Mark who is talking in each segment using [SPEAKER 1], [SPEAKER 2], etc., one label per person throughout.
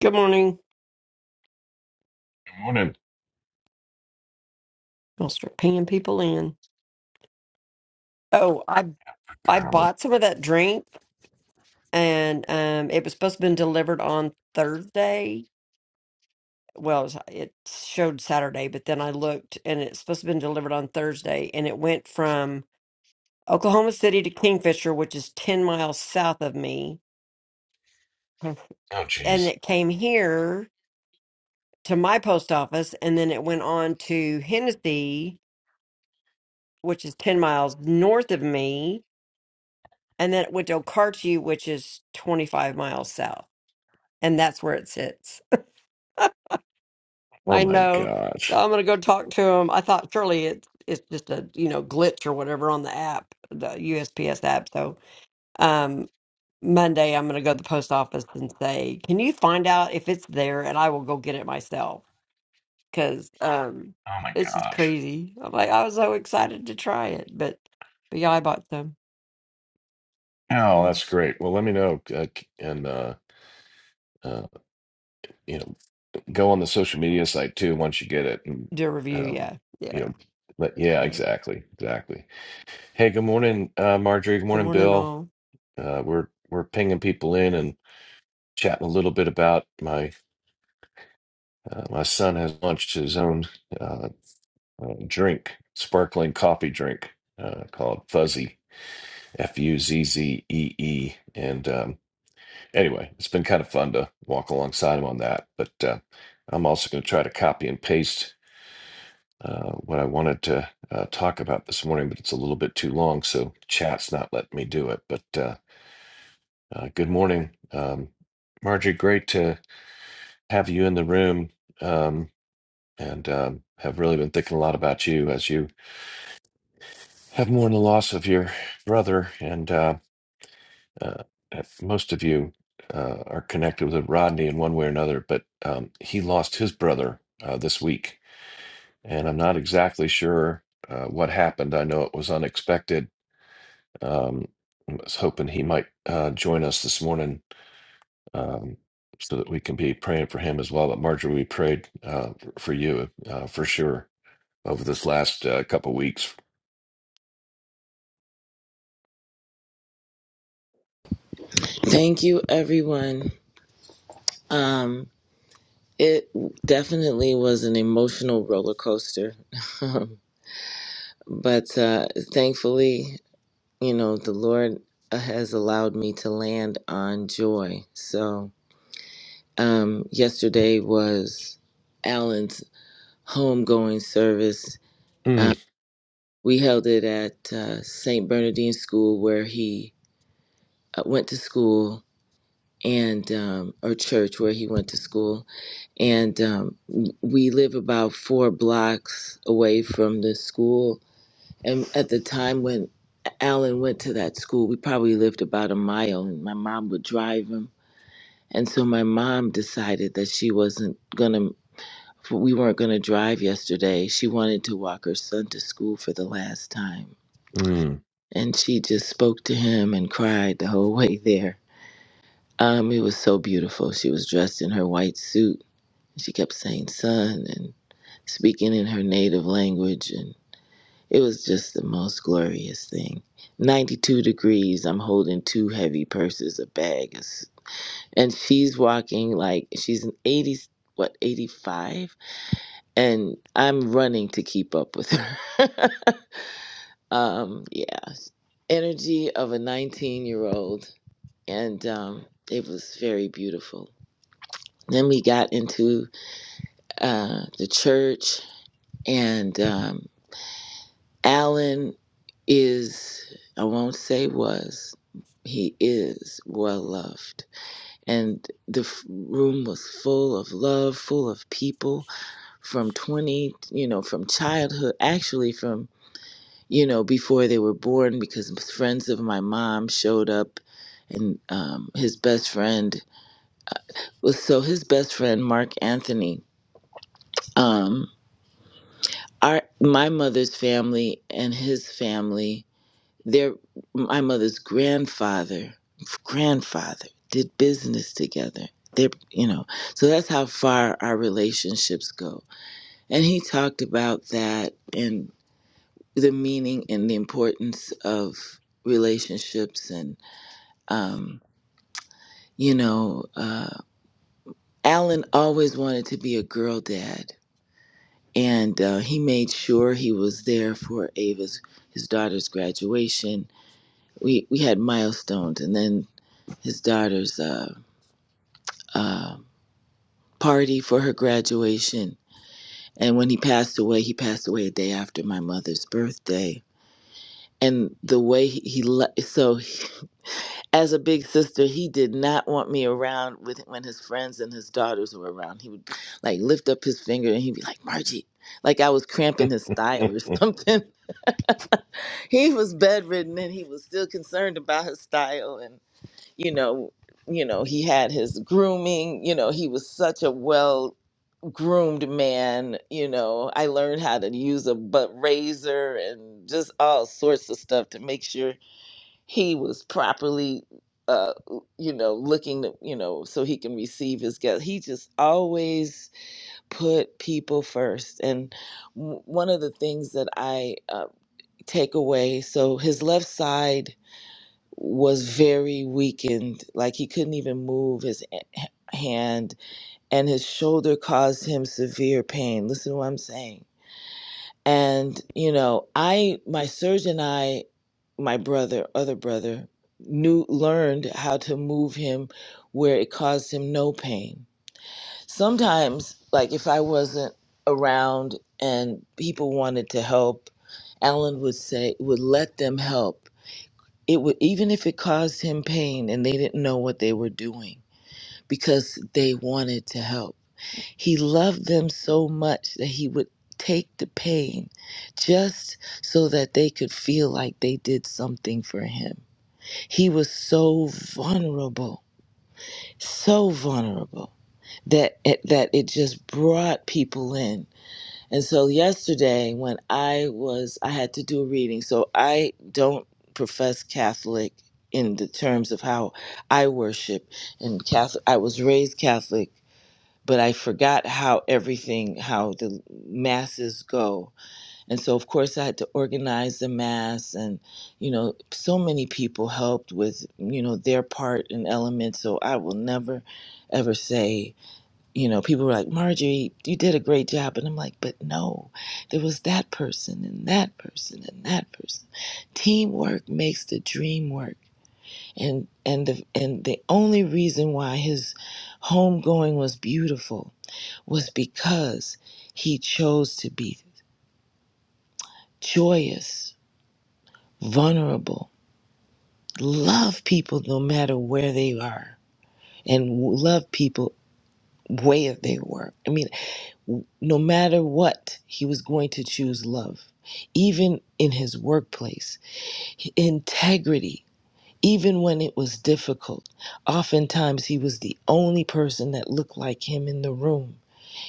[SPEAKER 1] Good morning.
[SPEAKER 2] I'm going
[SPEAKER 1] I'll start pinging people in. Oh, I I
[SPEAKER 2] I'm going
[SPEAKER 1] bought some of that drink, and um, it was supposed to have been delivered on Thursday. Well, it, was, it showed Saturday, but then I looked, and it's supposed to have been delivered on Thursday, and it went from Oklahoma City to Kingfisher, which is ten miles south of me, Hmm.
[SPEAKER 2] Oh,
[SPEAKER 1] and
[SPEAKER 2] jeez.
[SPEAKER 1] it came here to my post office, and then it went on to Hennessy, which is ten miles north of me and then it went to Okarchi, which is 25 miles south, and that's where it sits.
[SPEAKER 2] Oh
[SPEAKER 1] I
[SPEAKER 2] my
[SPEAKER 1] know. So
[SPEAKER 2] gosh.
[SPEAKER 1] I'm gonna go talk to him. I thought surely it's it's just a you know glitch or whatever on the app, the USPS app. So um, Monday I'm gonna go to the post office and say, can you find out if it's there, and I will go get it myself because um,
[SPEAKER 2] Oh my
[SPEAKER 1] it's just
[SPEAKER 2] gosh.
[SPEAKER 1] crazy. I'm like I was so excited to try it, but but yeah, I bought some.
[SPEAKER 2] Oh,
[SPEAKER 1] Mm.
[SPEAKER 2] that's great. Well, let me know, uh, c- and uh, uh, you know, go on the social media site too once you get it, and
[SPEAKER 1] Do a review,
[SPEAKER 2] um,
[SPEAKER 1] yeah,
[SPEAKER 2] you
[SPEAKER 1] yeah,
[SPEAKER 2] know, let yeah,
[SPEAKER 1] yeah.
[SPEAKER 2] exactly, exactly. Hey, good morning, uh, Marjorie. Good
[SPEAKER 1] Good
[SPEAKER 2] morning,
[SPEAKER 1] morning,
[SPEAKER 2] Bill.
[SPEAKER 1] all.
[SPEAKER 2] Uh, we're we're pinging people in and chatting a little bit about my uh, my son has launched his own uh, uh, drink, sparkling coffee drink uh, called Fuzzy F U Z Z E E. And um, anyway, it's been kind of fun to walk alongside him on that. But uh, I'm also going to try to copy and paste uh, what I wanted to uh, talk about this morning, but it's a little bit too long, so chat's not letting me do it. But uh, uh, good morning, um, Marjorie. Great to have you in the room. Um, and um, have really been thinking a lot about you as you have mourned the loss of your brother. And uh, uh, if most of you uh, are connected with Rodney in one way or another, but um, he lost his brother uh, this week, and I'm not exactly sure uh, what happened. I know it was unexpected. Um, I was hoping he might uh, join us this morning um, so that we can be praying for him as well. But Marjorie, we prayed uh, for you uh, for sure over this last uh, couple weeks.
[SPEAKER 3] Thank you, everyone. Um, it definitely was an emotional roller coaster, but uh, thankfully, you know, the Lord has allowed me to land on joy. So, um, yesterday was Alan's homegoing service. Um,
[SPEAKER 2] Mm,
[SPEAKER 3] we held it at uh, St. Bernardine School, where he uh, went to school, and um, or church where he went to school, and um, we live about four blocks away from the school. And at the time when Alan went to that school, we probably lived about a mile, and my mom would drive him. And so my mom decided that she wasn't gonna, we weren't gonna drive yesterday. She wanted to walk her son to school for the last time,
[SPEAKER 2] mm.
[SPEAKER 3] and she just spoke to him and cried the whole way there. Um, it was so beautiful. She was dressed in her white suit She kept saying son and speaking in her native language. And it was just the most glorious thing. 92 degrees. I'm holding two heavy purses, a bag. And she's walking like she's an 80, what, 85? And I'm running to keep up with her. um, yeah. Energy of a 19 year old. And um, it was very beautiful. Then we got into uh, the church and. um, Alan is, I won't say was, he is well loved. And the f- room was full of love, full of people from 20, you know, from childhood, actually from, you know, before they were born, because friends of my mom showed up and um, his best friend was, so his best friend, Mark Anthony, um, our, my mother's family and his family Their my mother's grandfather, grandfather did business together. They, you know, so that's how far our relationships go. And he talked about that and the meaning and the importance of relationships. And um, you know, uh, Alan always wanted to be a girl dad, and uh, he made sure he was there for Ava's his daughter's graduation. We we had milestones, and then his daughter's uh, uh, party for her graduation. And when he passed away, he passed away a day after my mother's birthday. And the way he, he le- so he- as a big sister, he did not want me around with when his friends and his daughters were around. He would like lift up his finger and he'd be like, "Margie," like I was cramping his style or something. he was bedridden and he was still concerned about his style and. you know you know he had his grooming you know he was such a well groomed man you know i learned how to use a butt razor and just all sorts of stuff to make sure he was properly uh you know looking to, you know so he can receive his guest he just always put people first and w- one of the things that i uh, take away so his left side was very weakened. Like he couldn't even move his a- hand, and his shoulder caused him severe pain. Listen to what I'm saying. And, you know, I, my surgeon, and I, my brother, other brother, knew, learned how to move him where it caused him no pain. Sometimes, like if I wasn't around and people wanted to help, Alan would say, would let them help it would even if it caused him pain and they didn't know what they were doing because they wanted to help he loved them so much that he would take the pain just so that they could feel like they did something for him he was so vulnerable so vulnerable that it, that it just brought people in and so yesterday when I was I had to do a reading. So I don't profess Catholic in the terms of how I worship and Catholic I was raised Catholic, but I forgot how everything how the masses go. And so of course I had to organize the mass and you know so many people helped with you know their part and element so I will never ever say you know, people were like, Marjorie, you did a great job. And I'm like, but no, there was that person and that person and that person. Teamwork makes the dream work. And and the and the only reason why his homegoing was beautiful was because he chose to be joyous, vulnerable, love people no matter where they are, and love people where they were. I mean, no matter what, he was going to choose love, even in his workplace, integrity, even when it was difficult. Oftentimes, he was the only person that looked like him in the room,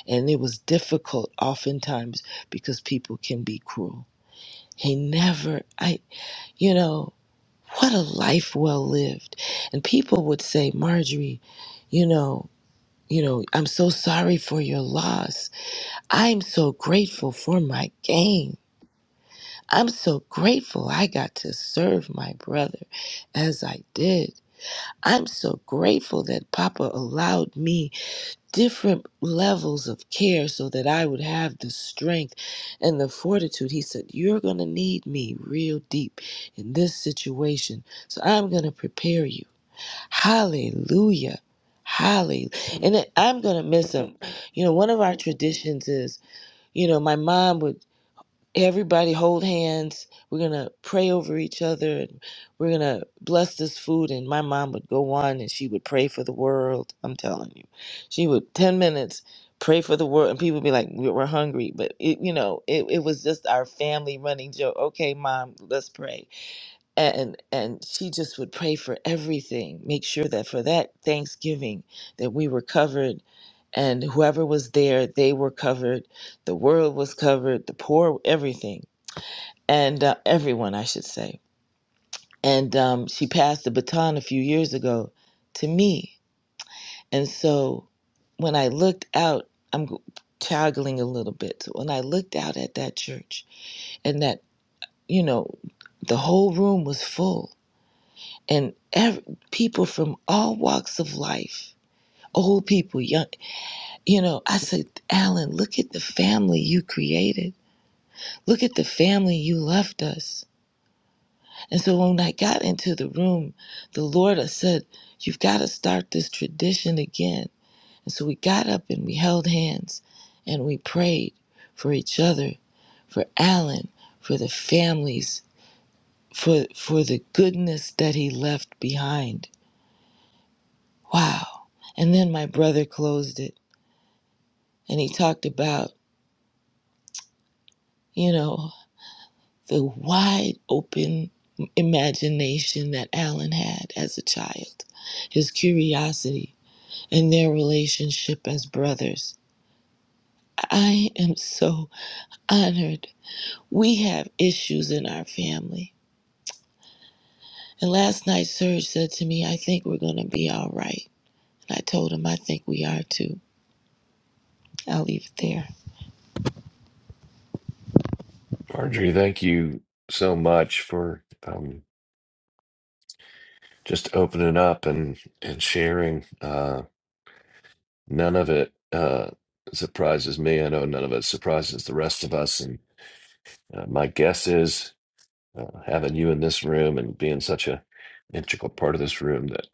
[SPEAKER 3] and it was difficult oftentimes because people can be cruel. He never, I, you know, what a life well lived. And people would say, Marjorie, you know, you know, I'm so sorry for your loss I'm so grateful for my game. I'm so grateful I got to serve my brother as I did. I'm so grateful that Papa allowed me different levels of care so that I would have the strength and the fortitude. He said, You're going to need me real deep in this situation. So I'm going to prepare you. Hallelujah. Hallelujah. And I'm going to miss him. You know, one of our traditions is you know, my mom would Everybody hold hands. We're going to pray over each other. And we're going to bless this food. And my mom would go on and she would pray for the world. I'm telling you. She would, 10 minutes, pray for the world. And people would be like, we- we're hungry. But, it, you know, it, it was just our family running joke. Okay, mom, let's pray. And, and she just would pray for everything. Make sure that for that Thanksgiving that we were covered and whoever was there, they were covered. The world was covered. The poor, everything and uh, everyone, I should say. And um, she passed the baton a few years ago to me. And so when I looked out, I'm g- toggling a little bit. So when I looked out at that church and that, you know, the whole room was full and ev people from all walks of life, old people, young, you know, I said, Alan, look at the family you created. Look at the family you left us And so when I got into the room, the Lord had said, You've got to start this tradition again. And so we got up and we held hands and we prayed for each other, for Alan, for the families, for for the goodness that he left behind. Wow. And then my brother closed it and he talked about, you know, the wide open imagination that Alan had as a child, his curiosity in their relationship as brothers. I am so honored. We have issues in our family. And last night, Serge said to me, I think we're going to be all right. And I told him, I think we are too. I'll leave it there.
[SPEAKER 2] Marjorie, thank you so much for um, just opening up and and sharing. Uh, none of it uh, surprises me. I know none of it surprises the rest of us. And uh, my guess is uh, having you in this room and being such a integral part of this room that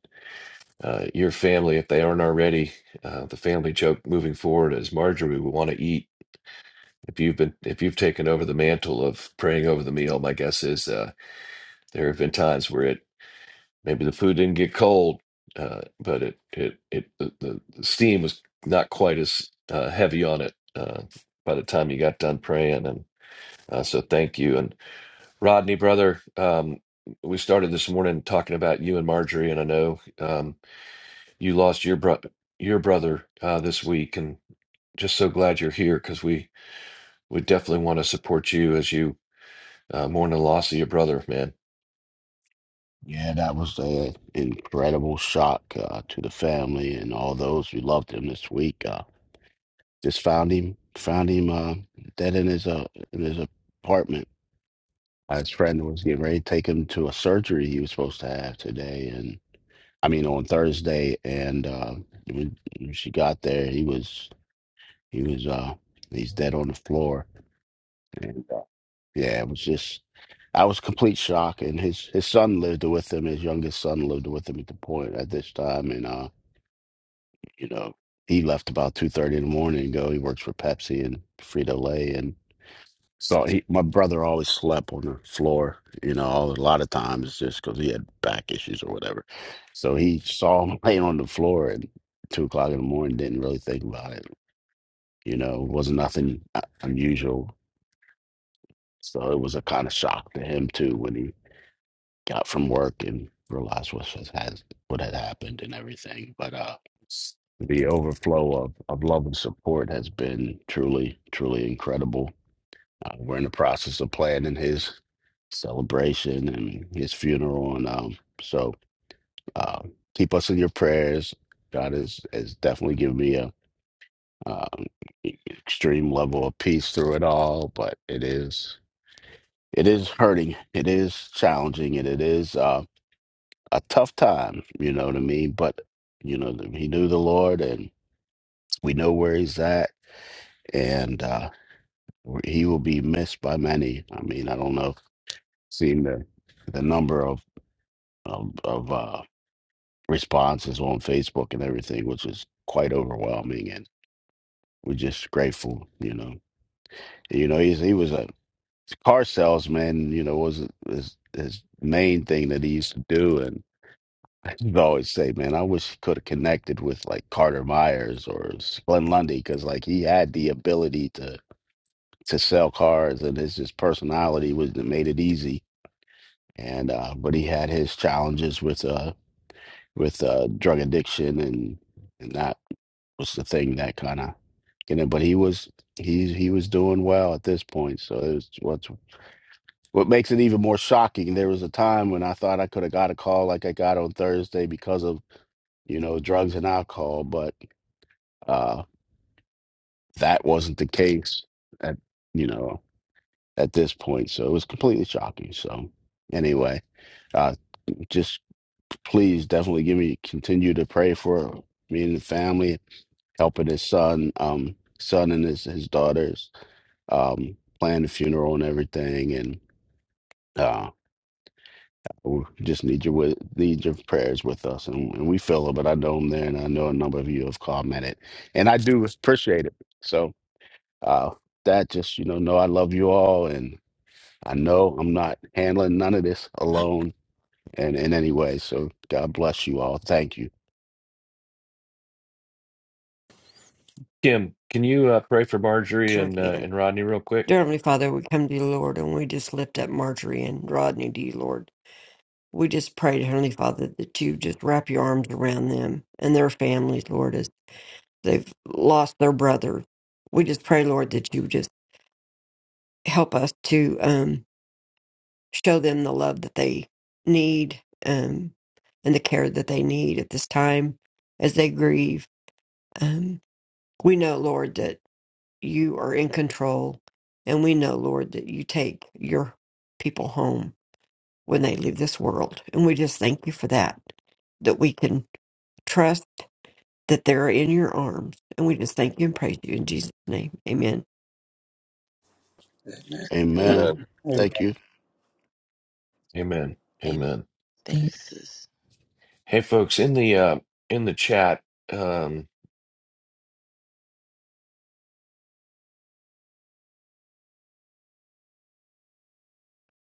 [SPEAKER 2] uh, your family, if they aren't already, uh, the family joke moving forward is Marjorie will want to eat. If you've been, if you've taken over the mantle of praying over the meal, my guess is uh, there have been times where it maybe the food didn't get cold, uh, but it it it the, the the steam was not quite as uh, heavy on it uh, by the time you got done praying, and uh, so thank you. And Rodney, brother, um, we started this morning talking about you and Marjorie, and I know um, you lost your bro- your brother uh, this week, and just so glad you're here because we we definitely want to support you as you uh, mourn the loss of your brother, man.
[SPEAKER 4] Yeah, that was an incredible shock uh, to the family and all those who loved him this week. Uh, just found him, found him uh, dead in his uh, in his apartment. Uh, His friend was getting ready to take him to a surgery he was supposed to have today, and I mean on Thursday. And uh, when when she got there, he was he was uh, he's dead on the floor. And uh, yeah, it was just I was complete shock, and his his son lived with him. His youngest son lived with him at the point at this time, and uh, you know, he left about two thirty in the morning and go. He works for Pepsi and Frito Lay, and so he, my brother always slept on the floor. You know, all, a lot of times just because he had back issues or whatever. So he saw him laying on the floor at two o'clock in the morning. Didn't really think about it. You know, it wasn't nothing uh, unusual. So it was a kind of shock to him too when he got from work and realized what was has what had happened and everything. But uh, the overflow of, of love and support has been truly, truly incredible. Uh, we're in the process of planning his celebration and his funeral, and um, so uh, keep us in your prayers. God has has definitely given me a um, e, extreme level of peace through it all, but it is it is hurting, it is challenging, and it is. uh. a tough time, you know what I mean? But, you know, he knew the Lord and we know where he's at and uh, he will be missed by many. I mean, I don't know, if seeing the, the number of, of, of uh, responses on Facebook and everything, which is quite overwhelming. And we're just grateful, you know. You know, he's, he was a car salesman, you know, was his, his main thing that he used to do. I just always say, man, I wish he could have connected with like Carter Myers or Glenn Lundy because like he had the ability to to sell cars and his his personality was that made it easy. And uh, but he had his challenges with uh with uh drug addiction and and that was the thing that kind of you know. But he was he he was doing well at this point, so it was what's what makes it even more shocking. There was a time when I thought I could have got a call like I got on Thursday because of you know, drugs and alcohol, but uh, that wasn't the case at you know at this point. So it was completely shocking. So anyway, uh, just please definitely give me continue to pray for me and the family, helping his son, um, son and his his daughters, um, plan the funeral and everything, and uh, we just need your wi- need your prayers with us, and, and we feel it. But I know him there, and I know a number of you have commented, and I do appreciate it. So. uh, that just you know know i love you all and i know i'm not handling none of this alone and in any way so god bless you all thank you
[SPEAKER 2] Kim, can you uh, pray for Marjorie
[SPEAKER 1] Sure
[SPEAKER 2] and uh,
[SPEAKER 1] can.
[SPEAKER 2] and Rodney real quick?
[SPEAKER 1] Dear Heavenly Father, we come to you, Lord, and we just lift up Marjorie and Rodney to you, Lord. We just pray, Heavenly Father, that you just wrap your arms around them and their families, Lord, as they've lost their brother. We just pray, Lord, that you just help us to um, show them the love that they need um, and the care that they need at this time as they grieve. Um, we know, Lord, that you are in control, and we know, Lord, that you take your people home. when they leave this world. And we just thank you for that, that we can trust that they're in your arms. And we just thank you and praise you in Jesus' name. Amen.
[SPEAKER 4] amen
[SPEAKER 5] Amen.
[SPEAKER 6] And
[SPEAKER 4] thank you
[SPEAKER 2] Amen.
[SPEAKER 3] Amen.
[SPEAKER 2] Amen.
[SPEAKER 3] Thanks, sis.
[SPEAKER 2] Hey, folks, in the uh, in the chat, um,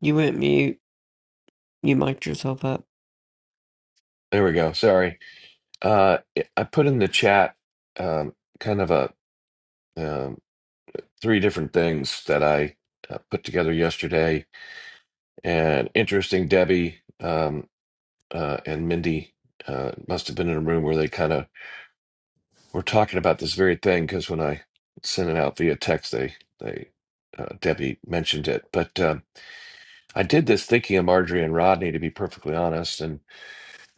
[SPEAKER 1] You went mute. You mic'd yourself up.
[SPEAKER 2] there we go. Sorry, Uh, eh, I put in the chat um, kind of a um, three different things that I uh, put together yesterday, and interesting. Debbie um, uh, and Mindy uh, must have been in a room where they kind of were talking about this very thing because when I sent it out via text, they they uh, Debbie mentioned it. But um, I did this thinking of Marjorie and Rodney, to be perfectly honest, and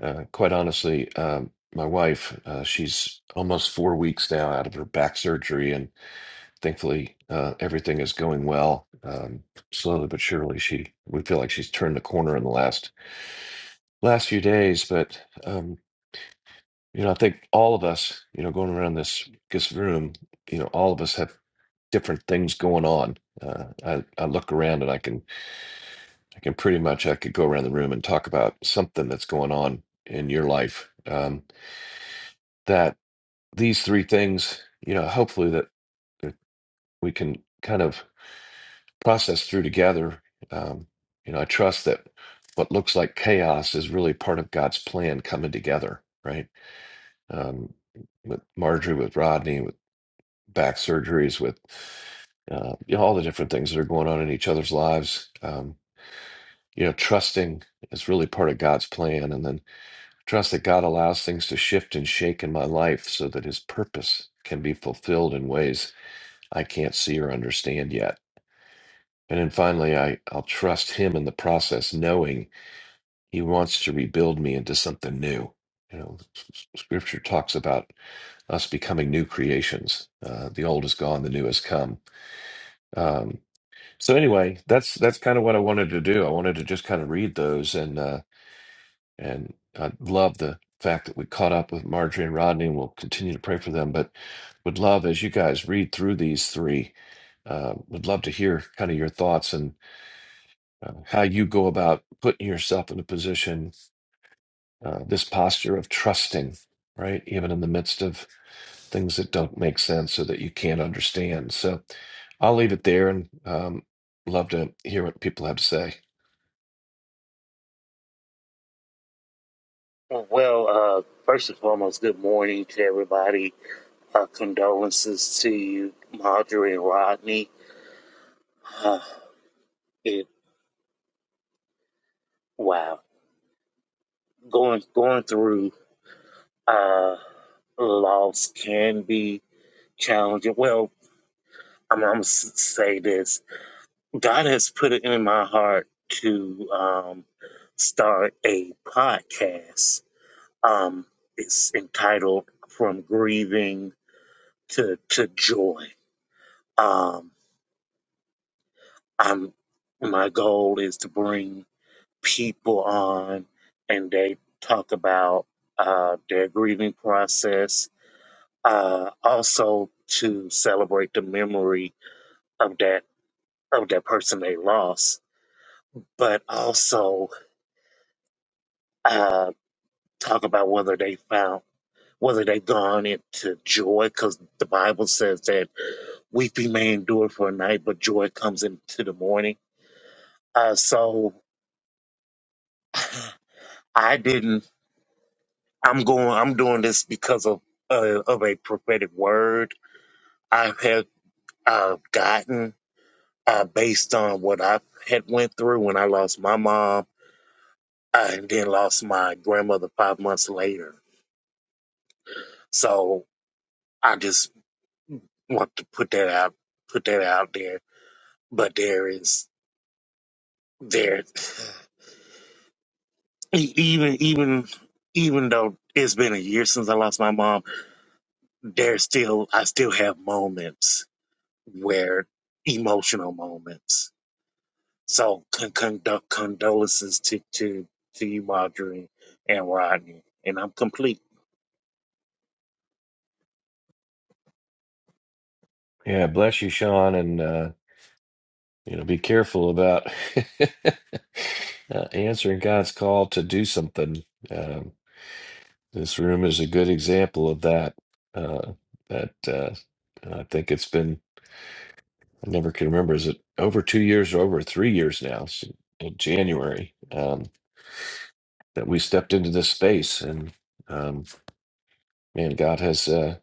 [SPEAKER 2] uh, quite honestly, um, my wife, uh, she's almost four weeks now out of her back surgery, and thankfully uh, everything is going well um, slowly but surely she we feel like she's turned the corner in the last last few days but um, you know i think all of us you know going around this this room you know all of us have different things going on uh, I, I look around and i can i can pretty much i could go around the room and talk about something that's going on in your life um, that these three things you know hopefully that that we can kind of process through together. Um, you know, I trust that what looks like chaos is really part of God's plan coming together, right? Um, with Marjorie, with Rodney, with back surgeries, with uh, you know, all the different things that are going on in each other's lives. Um, you know, trusting is really part of God's plan, and then trust that God allows things to shift and shake in my life so that His purpose can be fulfilled in ways I can't see or understand yet And then finally, I, I'll trust him in the process, knowing he wants to rebuild me into something new. You know, s- s- scripture talks about us becoming new creations. Uh, the old is gone, the new has come. Um, so anyway, that's that's kind of what I wanted to do. I wanted to just kind of read those and uh, and I love the fact that we caught up with Marjorie and Rodney, and we'll continue to pray for them. But would love as you guys read through these three, uh, would love to hear kind of your thoughts and. uh, how you go about putting yourself in a position, uh, this posture of trusting, right? Even in the midst of things that don't make sense or that you can't understand. So I'll leave it there and um, love to hear what people have to say.
[SPEAKER 7] Well, uh, first and foremost, good morning to everybody. Uh, condolences to you, Marjorie and Rodney. Uh, it, wow, going going through uh, loss can be challenging. Well, I'm, I'm gonna s- say this: God has put it in my heart to um, start a podcast. Um, it's entitled "From Grieving to to Joy." Um, I'm my goal is to bring people on and they talk about uh, their grieving process, uh, also to celebrate the memory of that of that person they lost, but also uh, talk about whether they found whether they've gone into joy, because the Bible says that weeping may endure for a night, but joy comes into the morning. Uh, so I didn't I'm going. I'm doing this because of uh, of a prophetic word I have uh, gotten uh, based on what I had went through when I lost my mom uh, and then lost my grandmother five months later. So I just want to put that out, put that out there. But there is there e- even even even though it's been a year since I lost my mom, there's still I still have moments where emotional moments So con- condo- condolences to, to to you, Marjorie and Rodney. And I'm complete.
[SPEAKER 2] Yeah, bless you, Sean, and uh, you know, be careful about uh, answering God's call to do something. Um This room is a good example of that. Uh, that uh, I think it's been, I never can remember, is it over two years or over three years now, s- in January, um, that we stepped into this space. And um, man, God has uh,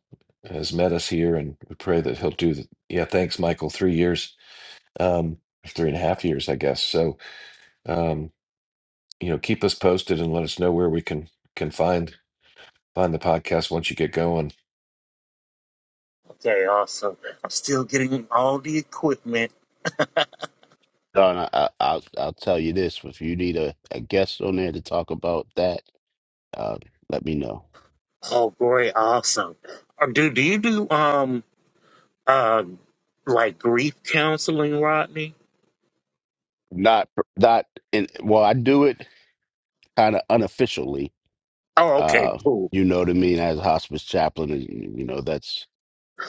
[SPEAKER 2] has met us here, and we pray that He'll do the, yeah, thanks, Michael, three years, um, three and a half years, I guess. So, um, you know, keep us posted and let us know where we can can find find the podcast once you get going.
[SPEAKER 7] Okay, awesome. I'm still getting all the equipment.
[SPEAKER 4] don I, I, I'll, I'll tell you this if you need a, a guest on there to talk about that uh, let me know
[SPEAKER 7] Oh, great, awesome. Uh, Do do you do um uh like grief counseling, Rodney?
[SPEAKER 4] not not in well i do it kind of unofficially
[SPEAKER 7] Oh, okay,
[SPEAKER 4] uh,
[SPEAKER 7] cool.
[SPEAKER 4] you know what i mean as a hospice chaplain and, you know that's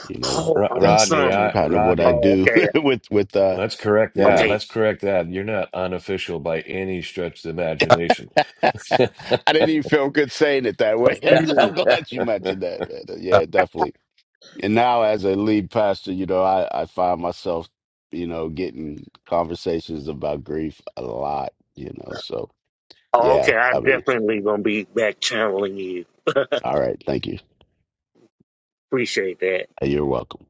[SPEAKER 4] you know
[SPEAKER 7] Oh,
[SPEAKER 2] Ro-
[SPEAKER 4] that's
[SPEAKER 2] Rodney,
[SPEAKER 7] awesome.
[SPEAKER 2] I
[SPEAKER 4] kind of what i
[SPEAKER 2] Rodney,
[SPEAKER 7] Oh,
[SPEAKER 4] do
[SPEAKER 7] okay,
[SPEAKER 4] with with uh
[SPEAKER 2] Let's correct
[SPEAKER 4] you
[SPEAKER 2] that.
[SPEAKER 4] know
[SPEAKER 7] okay.
[SPEAKER 2] Let's correct that. You're not unofficial by any stretch of the imagination.
[SPEAKER 4] I didn't even feel good saying it that way.
[SPEAKER 7] Mm.
[SPEAKER 4] I'm glad you mentioned that. man. Uh, Yeah, definitely. And now, as a lead pastor, you know, I, I find myself, you know, getting conversations about grief a lot, you know. So,
[SPEAKER 7] Oh,
[SPEAKER 4] yeah,
[SPEAKER 7] okay, I
[SPEAKER 4] I mean,
[SPEAKER 7] definitely gonna be back channeling you.
[SPEAKER 4] all right. Thank you.
[SPEAKER 7] Appreciate that.
[SPEAKER 4] Uh, You're welcome.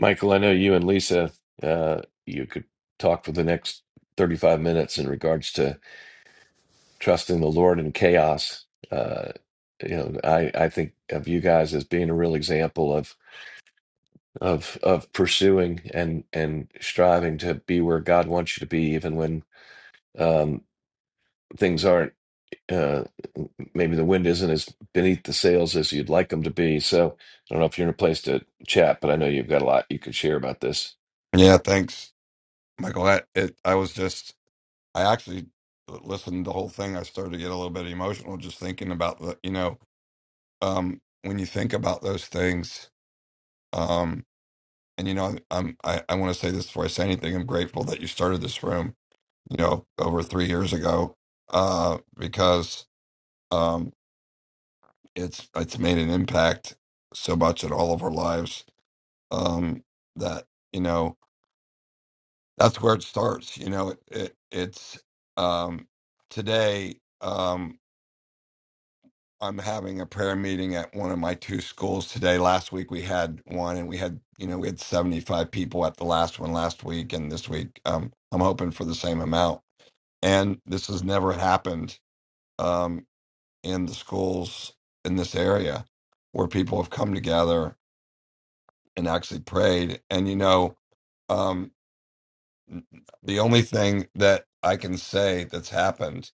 [SPEAKER 2] Michael, I know you and Lisa, uh, you could talk for the next 35 minutes in regards to trusting the Lord in chaos. Uh, you know, I, I think of you guys as being a real example of of of pursuing and and striving to be where God wants you to be, even when um, things aren't uh, maybe the wind isn't as beneath the sails as you'd like them to be. So I don't know if you're in a place to chat, but I know you've got a lot you could share about this.
[SPEAKER 8] Yeah, thanks, Michael. I, it, I was just, I actually listened to the whole thing. I started to get a little bit emotional just thinking about the, you know, um, when you think about those things, um, and you know, I'm, I, I want to say this before I say anything. I'm grateful that you started this room, you know, over three years ago, uh, because um, it's it's made an impact so much in all of our lives um, that you know. that's where it starts. You know, it, it it's um, today. Um, I'm having a prayer meeting at one of my two schools today. Last week we had one, and we had you know we had 75 people at the last one last week, and this week um, I'm hoping for the same amount. And this has never happened um, in the schools in this area where people have come together and actually prayed. And you know, um, the only thing that I can say that's happened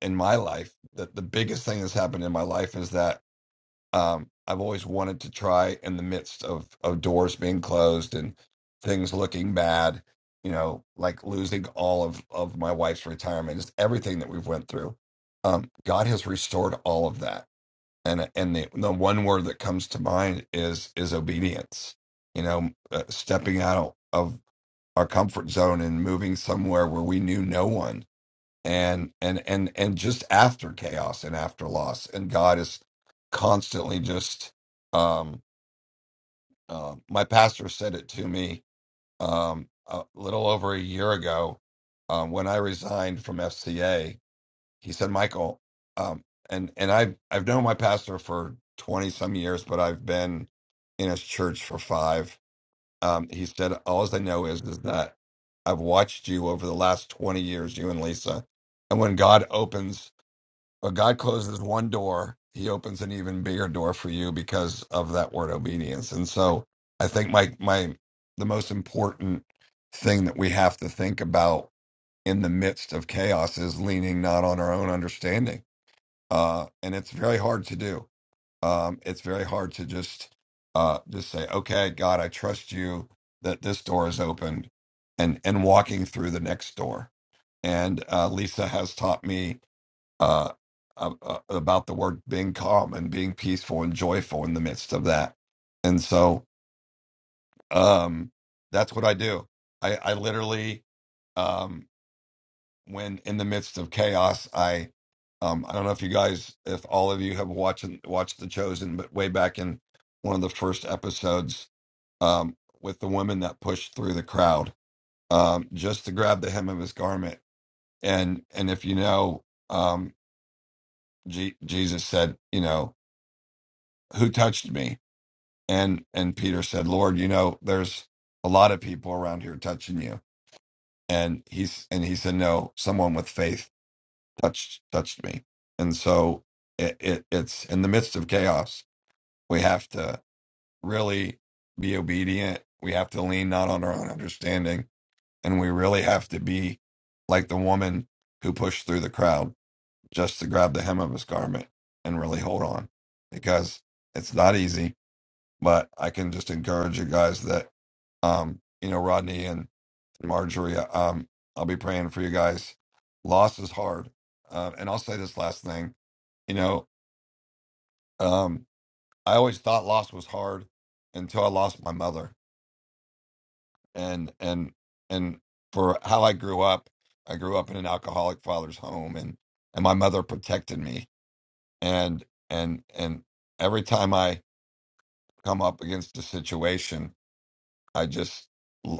[SPEAKER 8] in my life that the biggest thing that's happened in my life is that um, I've always wanted to try in the midst of of doors being closed and things looking bad, you know, like losing all of of my wife's retirement, just everything that we've went through. Um, God has restored all of that, and and the the one word that comes to mind is is obedience. You know, uh, stepping out of our comfort zone and moving somewhere where we knew no one and and and and just after chaos and after loss and god is constantly just um uh, my pastor said it to me um a little over a year ago um when i resigned from fca he said michael um and and i've i've known my pastor for 20 some years but i've been in his church for five um he said all i know is is that i've watched you over the last 20 years you and lisa and when god opens but God closes one door, he opens an even bigger door for you because of that word obedience. And so I think my my the most important thing that we have to think about in the midst of chaos is leaning not on our own understanding. Uh and it's very hard to do. Um it's very hard to just uh just say, "Okay, God, I trust you that this door is opened." And and walking through the next door. And uh Lisa has taught me uh, uh, uh, about the word being calm and being peaceful and joyful in the midst of that. And so um, that's what I do. I, I literally, um, when in the midst of chaos, I um, I don't know if you guys, if all of you have watched watched The Chosen, but way back in one of the first episodes um, with the woman that pushed through the crowd um, just to grab the hem of his garment, and and if you know, um, Je- Jesus said, you know, who touched me and and peter said lord you know there's a lot of people around here touching you and he's and he said no someone with faith touched touched me and so it, it it's in the midst of chaos we have to really be obedient we have to lean not on our own understanding and we really have to be like the woman who pushed through the crowd just to grab the hem of his garment and really hold on because it's not easy but I can just encourage you guys that, um, you know, Rodney and Marjorie, um, I'll be praying for you guys. Loss is hard. Uh, and I'll say this last thing, you know, um, I always thought loss was hard until I lost my mother and, and, and for how I grew up, I grew up in an alcoholic father's home and, and my mother protected me. And, and, and every time I come up against a situation, I just,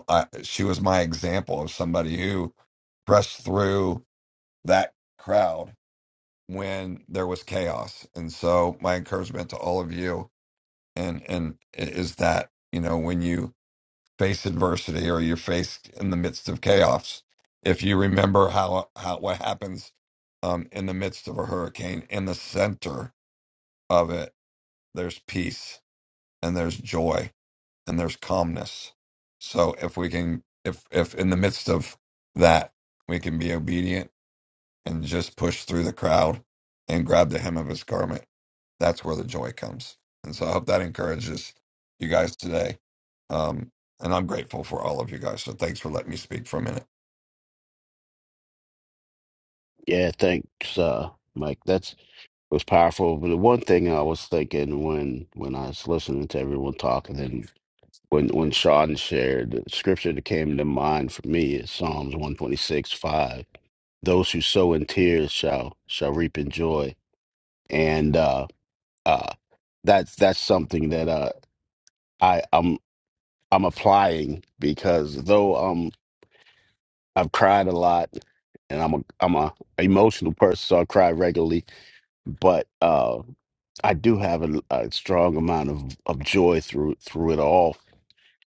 [SPEAKER 8] I, she was my example of somebody who pressed through that crowd when there was chaos. And so, my encouragement to all of you and and is that you know when you face adversity or you're faced in the midst of chaos, if you remember how how what happens um, in the midst of a hurricane, in the center of it, there's peace and there's joy and there's calmness. So if we can, if if in the midst of that we can be obedient and just push through the crowd and grab the hem of his garment, that's where the joy comes. And so I hope that encourages you guys today. Um, and I'm grateful for all of you guys. So thanks for letting me speak for a minute.
[SPEAKER 4] Yeah, thanks, uh, Mike. That's was powerful. But the one thing I was thinking when when I was listening to everyone talking and when when Sean shared the scripture that came to mind for me is Psalms one twenty six five. those who sow in tears shall shall reap in joy and uh uh that's that's something that uh i i'm i'm applying because though um i've cried a lot and i'm a i'm a emotional person so i cry regularly but uh i do have a, a strong amount of of joy through through it all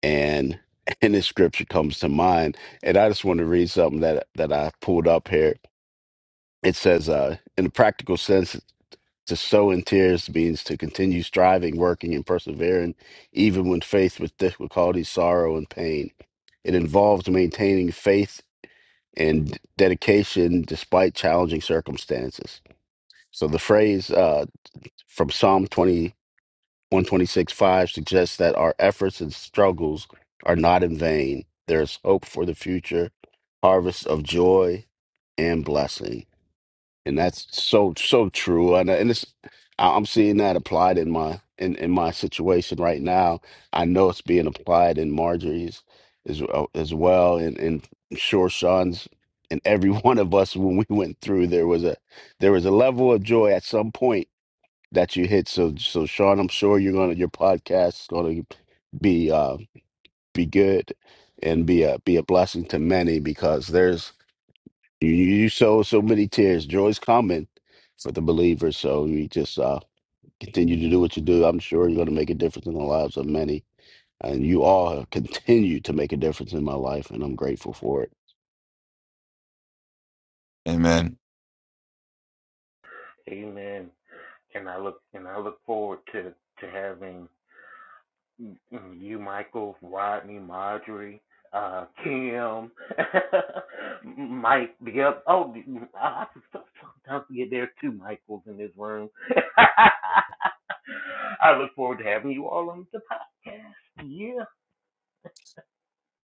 [SPEAKER 4] and and this scripture comes to mind and i just want to read something that that i pulled up here it says uh in a practical sense To sow in tears means to continue striving, working, and persevering, even when faced with difficulty, sorrow, and pain. It involves maintaining faith and dedication despite challenging circumstances. So the phrase uh, from Psalm 20, one twenty six 5 suggests that our efforts and struggles are not in vain. There is hope for the future, harvest of joy and blessing and that's so so true and uh, and it's I- i'm seeing that applied in my in in my situation right now i know it's being applied in marjorie's as uh, as well and and I'm sure sean's and every one of us when we went through there was a there was a level of joy at some point that you hit so so sean i'm sure you're gonna your podcast is gonna be uh be good and be a be a blessing to many because there's you, you sow so many tears. Joy's coming for the believers. So you just uh, continue to do what you do. I'm sure you're going to make a difference in the lives of many. And you all have continued to make a difference in my life, and I'm grateful for it.
[SPEAKER 8] Amen.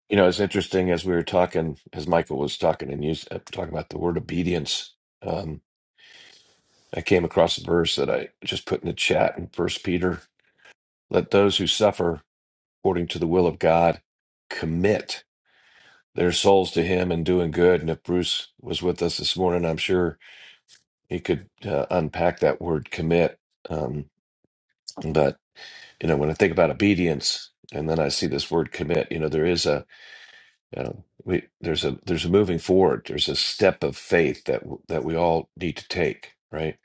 [SPEAKER 2] You know, it's interesting as we were talking, as Michael was talking and used, uh, talking about the word obedience. Um, I came across a verse that I just put in the chat in First Peter. Let those who suffer according to the will of God commit their souls to Him in doing good. And if Bruce was with us this morning, I'm sure he could uh, unpack that word commit. Um, But you know, when I think about obedience, and then I see this word commit, you know, there is a you know, we there's a there's a moving forward. There's a step of faith that w- that we all need to take, right?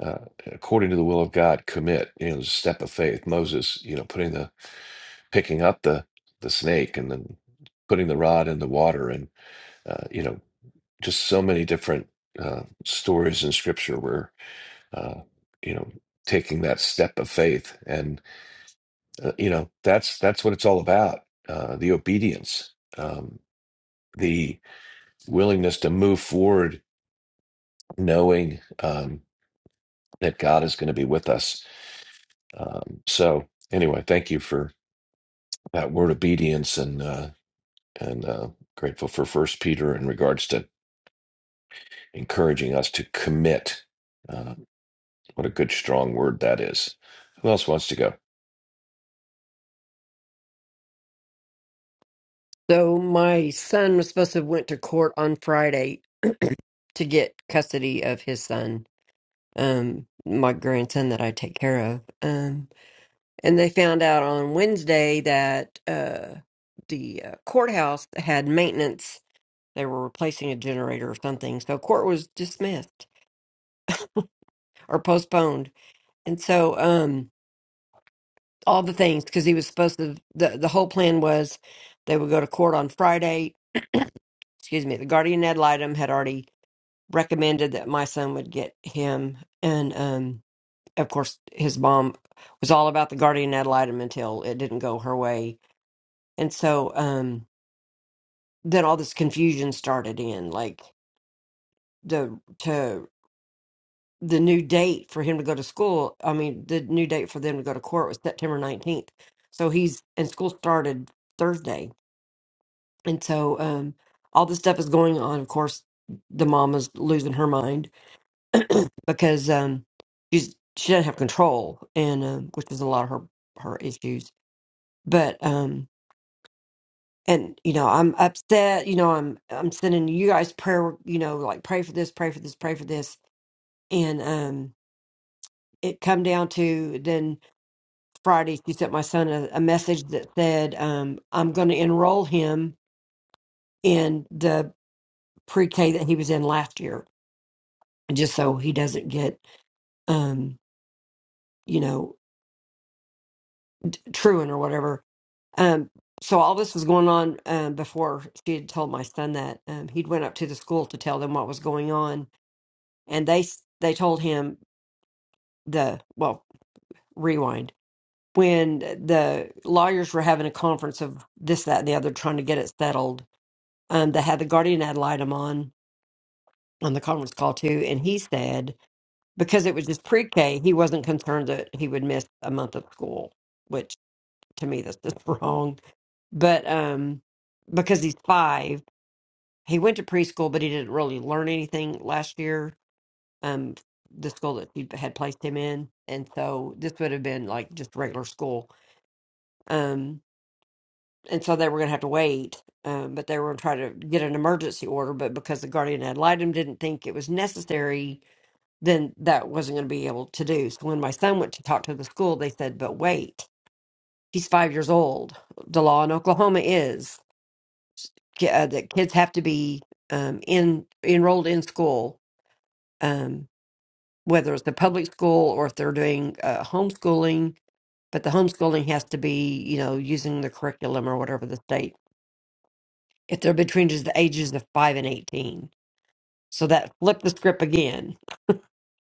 [SPEAKER 2] Uh, according to the will of God, commit. You know, there's a step of faith. Moses, you know, putting the picking up the the snake and then putting the rod in the water, and uh, you know, just so many different uh, stories in Scripture where uh, you know taking that step of faith Uh, you know, that's that's what it's all about. Uh, the obedience, um, the willingness to move forward, knowing um, that God is going to be with us. Um, so, anyway, thank you for that word obedience, and uh, and uh, grateful for First Peter in regards to encouraging us to commit. Uh, what a good strong word that is. Who else wants to go?
[SPEAKER 1] So my son was supposed to have went to court on Friday to get custody of his son, um, my grandson that I take care of. Um, and they found out on Wednesday that uh, the uh, courthouse had maintenance They were replacing a generator or something. So court was dismissed or postponed. And so um all the things because he was supposed to the the whole plan was they would go to court on Friday. Excuse me, the guardian ad litem had already recommended that my son would get him and um of course his mom was all about the guardian ad litem until it didn't go her way. And so um then all this confusion started in like the to the new date for him to go to school. I mean, the new date for them to go to court was September 19th. So he's and school started Thursday. And so um all this stuff is going on. Of course, the mom is losing her mind because um she's she doesn't have control and um which was a lot of her her issues. But um and you know, I'm upset, you know, I'm I'm sending you guys prayer, you know, like pray for this, pray for this, pray for this. And um it come down to then Friday, she sent my son a, a message that said, um, I'm going to enroll him in the pre K that he was in last year, just so he doesn't get, um, you know, truant or whatever. Um, so all this was going on um, before she had told my son that um, he'd went up to the school to tell them what was going on, and they s- they told him the well rewind when the lawyers were having a conference of this that and the other trying to get it settled um, that had the guardian ad litem on on the conference call too, and he said because it was just pre-K, he wasn't concerned that he would miss a month of school, which to me that's just wrong. But um, because he's five, he went to preschool, but he didn't really learn anything last year. Um, the school that he had placed him in, and so this would have been like just regular school. Um, and so they were going to have to wait. Um, but they were going to try to get an emergency order, but because the guardian ad litem didn't think it was necessary, then that wasn't going to be able to do. So when my son went to talk to the school, they said, "But wait, he's five years old. The law in Oklahoma is ki- uh, that kids have to be um, in enrolled in school, um, whether it's the public school or if they're doing uh, homeschooling." But the homeschooling has to be, you know, using the curriculum or whatever the state if they're between just the ages of five and eighteen. So that flipped the script again,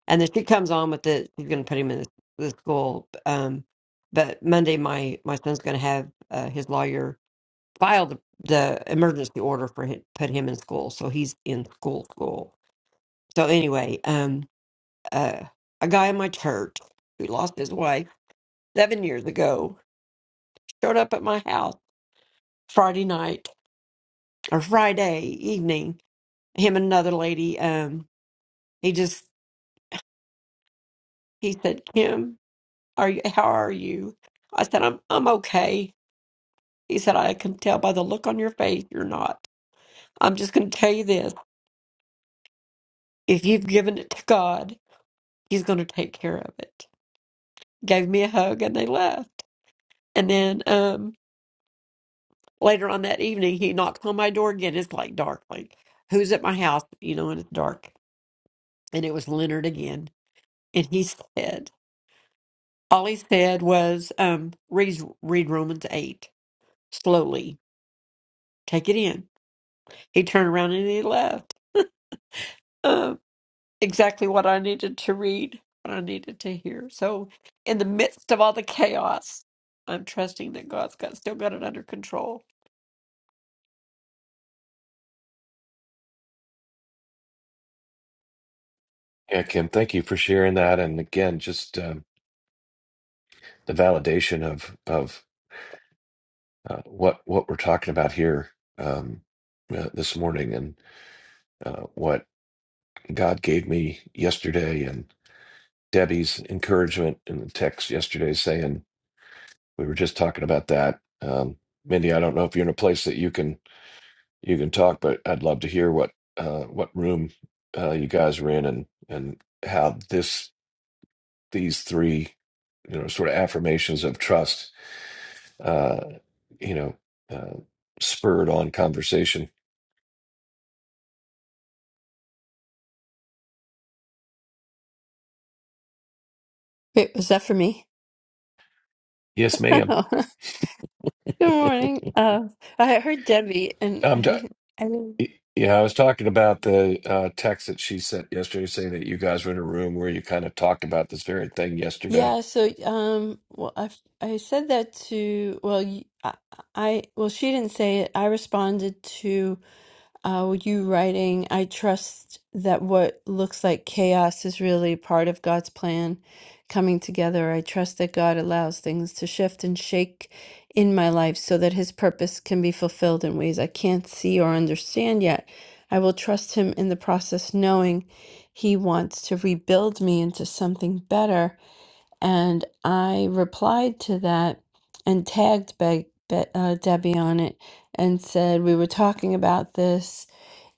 [SPEAKER 1] and then she comes on with it. She's going to put him in the, the school. Um, but Monday, my my son's going to have uh, his lawyer file the, the emergency order for him, put him in school. So he's in school school. So anyway, um, uh, a guy in my church who lost his wife seven years ago showed up at my house Friday night or Friday evening. Him and another lady. Um, he just He said, Kim, are you, how are you? I said, I'm, I'm okay. He said, I can tell by the look on your face you're not. I'm just going to tell you this. If you've given it to God, He's going to take care of it. Gave me a hug and they left. And then um, later on that evening, he knocks on my door again. It's like dark, like, who's at my house? You know, and it's dark. And it was Leonard again. And he said, all he said was, um, read, read Romans 8 slowly, take it in. He turned around and he left. Um, exactly what I needed to read, what I needed to hear. So, in the midst of all the chaos, I'm trusting that God's got still got it under control.
[SPEAKER 2] Yeah, Kim, thank you for sharing that. And again, just um, the validation of of uh, what what we're talking about here um, uh, this morning, and uh, what God gave me yesterday, and Debbie's encouragement in the text yesterday, saying we were just talking about that. Um, Mindy, I don't know if you're in a place that you can you can talk, but I'd love to hear what uh, what room uh, you guys were in, and and how this these three you know sort of affirmations of trust, uh, you know, uh, spurred on conversation.
[SPEAKER 9] Wait, was that for me?
[SPEAKER 2] Yes, ma'am.
[SPEAKER 9] Oh, Good morning. Uh, I heard Debbie, and I
[SPEAKER 2] Um, t-
[SPEAKER 9] didn't. I didn't.
[SPEAKER 2] yeah, I was talking about the uh, text that she sent yesterday saying that you guys were in a room where you kind of talked about this very thing yesterday.
[SPEAKER 9] Yeah. So, um, well, I I said that to. Well, y- I, I- well, she didn't say it. I responded to. Uh, with you writing, I trust that what looks like chaos is really part of God's plan coming together. I trust that God allows things to shift and shake in my life so that His purpose can be fulfilled in ways I can't see or understand yet. I will trust Him in the process, knowing He wants to rebuild me into something better. And I replied to that and tagged Be- Be- uh, Debbie on it and said, We were talking about this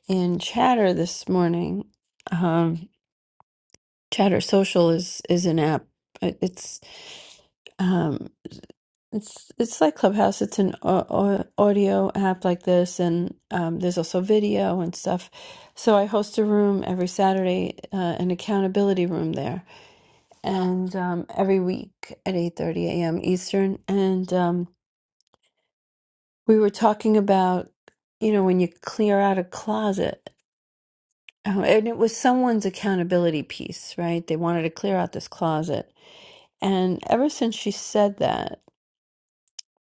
[SPEAKER 9] in Chatter this morning. Um, Chatter Social is is an app. It- It's um, it's it's like Clubhouse. It's an au- au- audio app like this, and um, there's also video and stuff. So I host a room every Saturday, uh, an accountability room there, and um, every week at 8:30 a.m. Eastern. And um, we were talking about, you know, when you clear out a closet. Oh, and it was someone's accountability piece, right? They wanted to clear out this closet. And ever since she said that,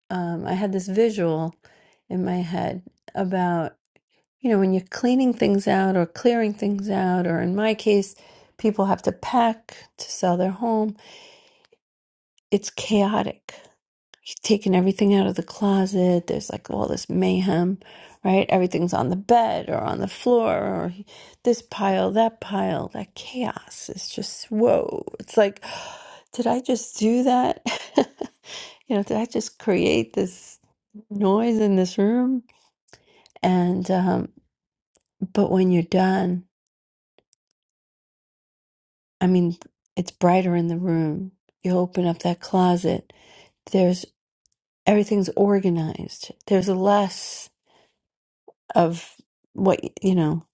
[SPEAKER 9] um, I had this visual in my head about, you know, when you're cleaning things out or clearing things out, or in my case, people have to pack to sell their home, it's chaotic. He's taken everything out of the closet. There's like all this mayhem, right? Everything's on the bed or on the floor or he- this pile, that pile, that chaos. It's just, whoa. It's like, did I just do that? you know, did I just create this noise in this room? And, um, but when you're done, I mean, it's brighter in the room. You open up that closet, there's everything's organized. There's less of what you know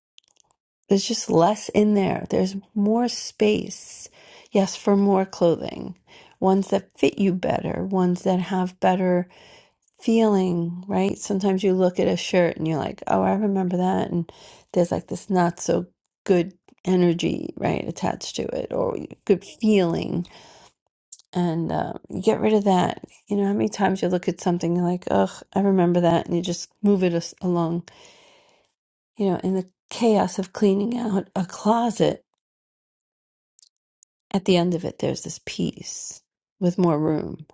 [SPEAKER 9] there's just less in there there's more space yes for more clothing ones that fit you better ones that have better feeling right sometimes you look at a shirt and you're like oh i remember that and there's like this not so good energy right attached to it or good feeling and uh, you get rid of that you know how many times you look at something you're like ugh i remember that and you just move it as- along you know, in the chaos of cleaning out a closet, at the end of it, there's this peace with more room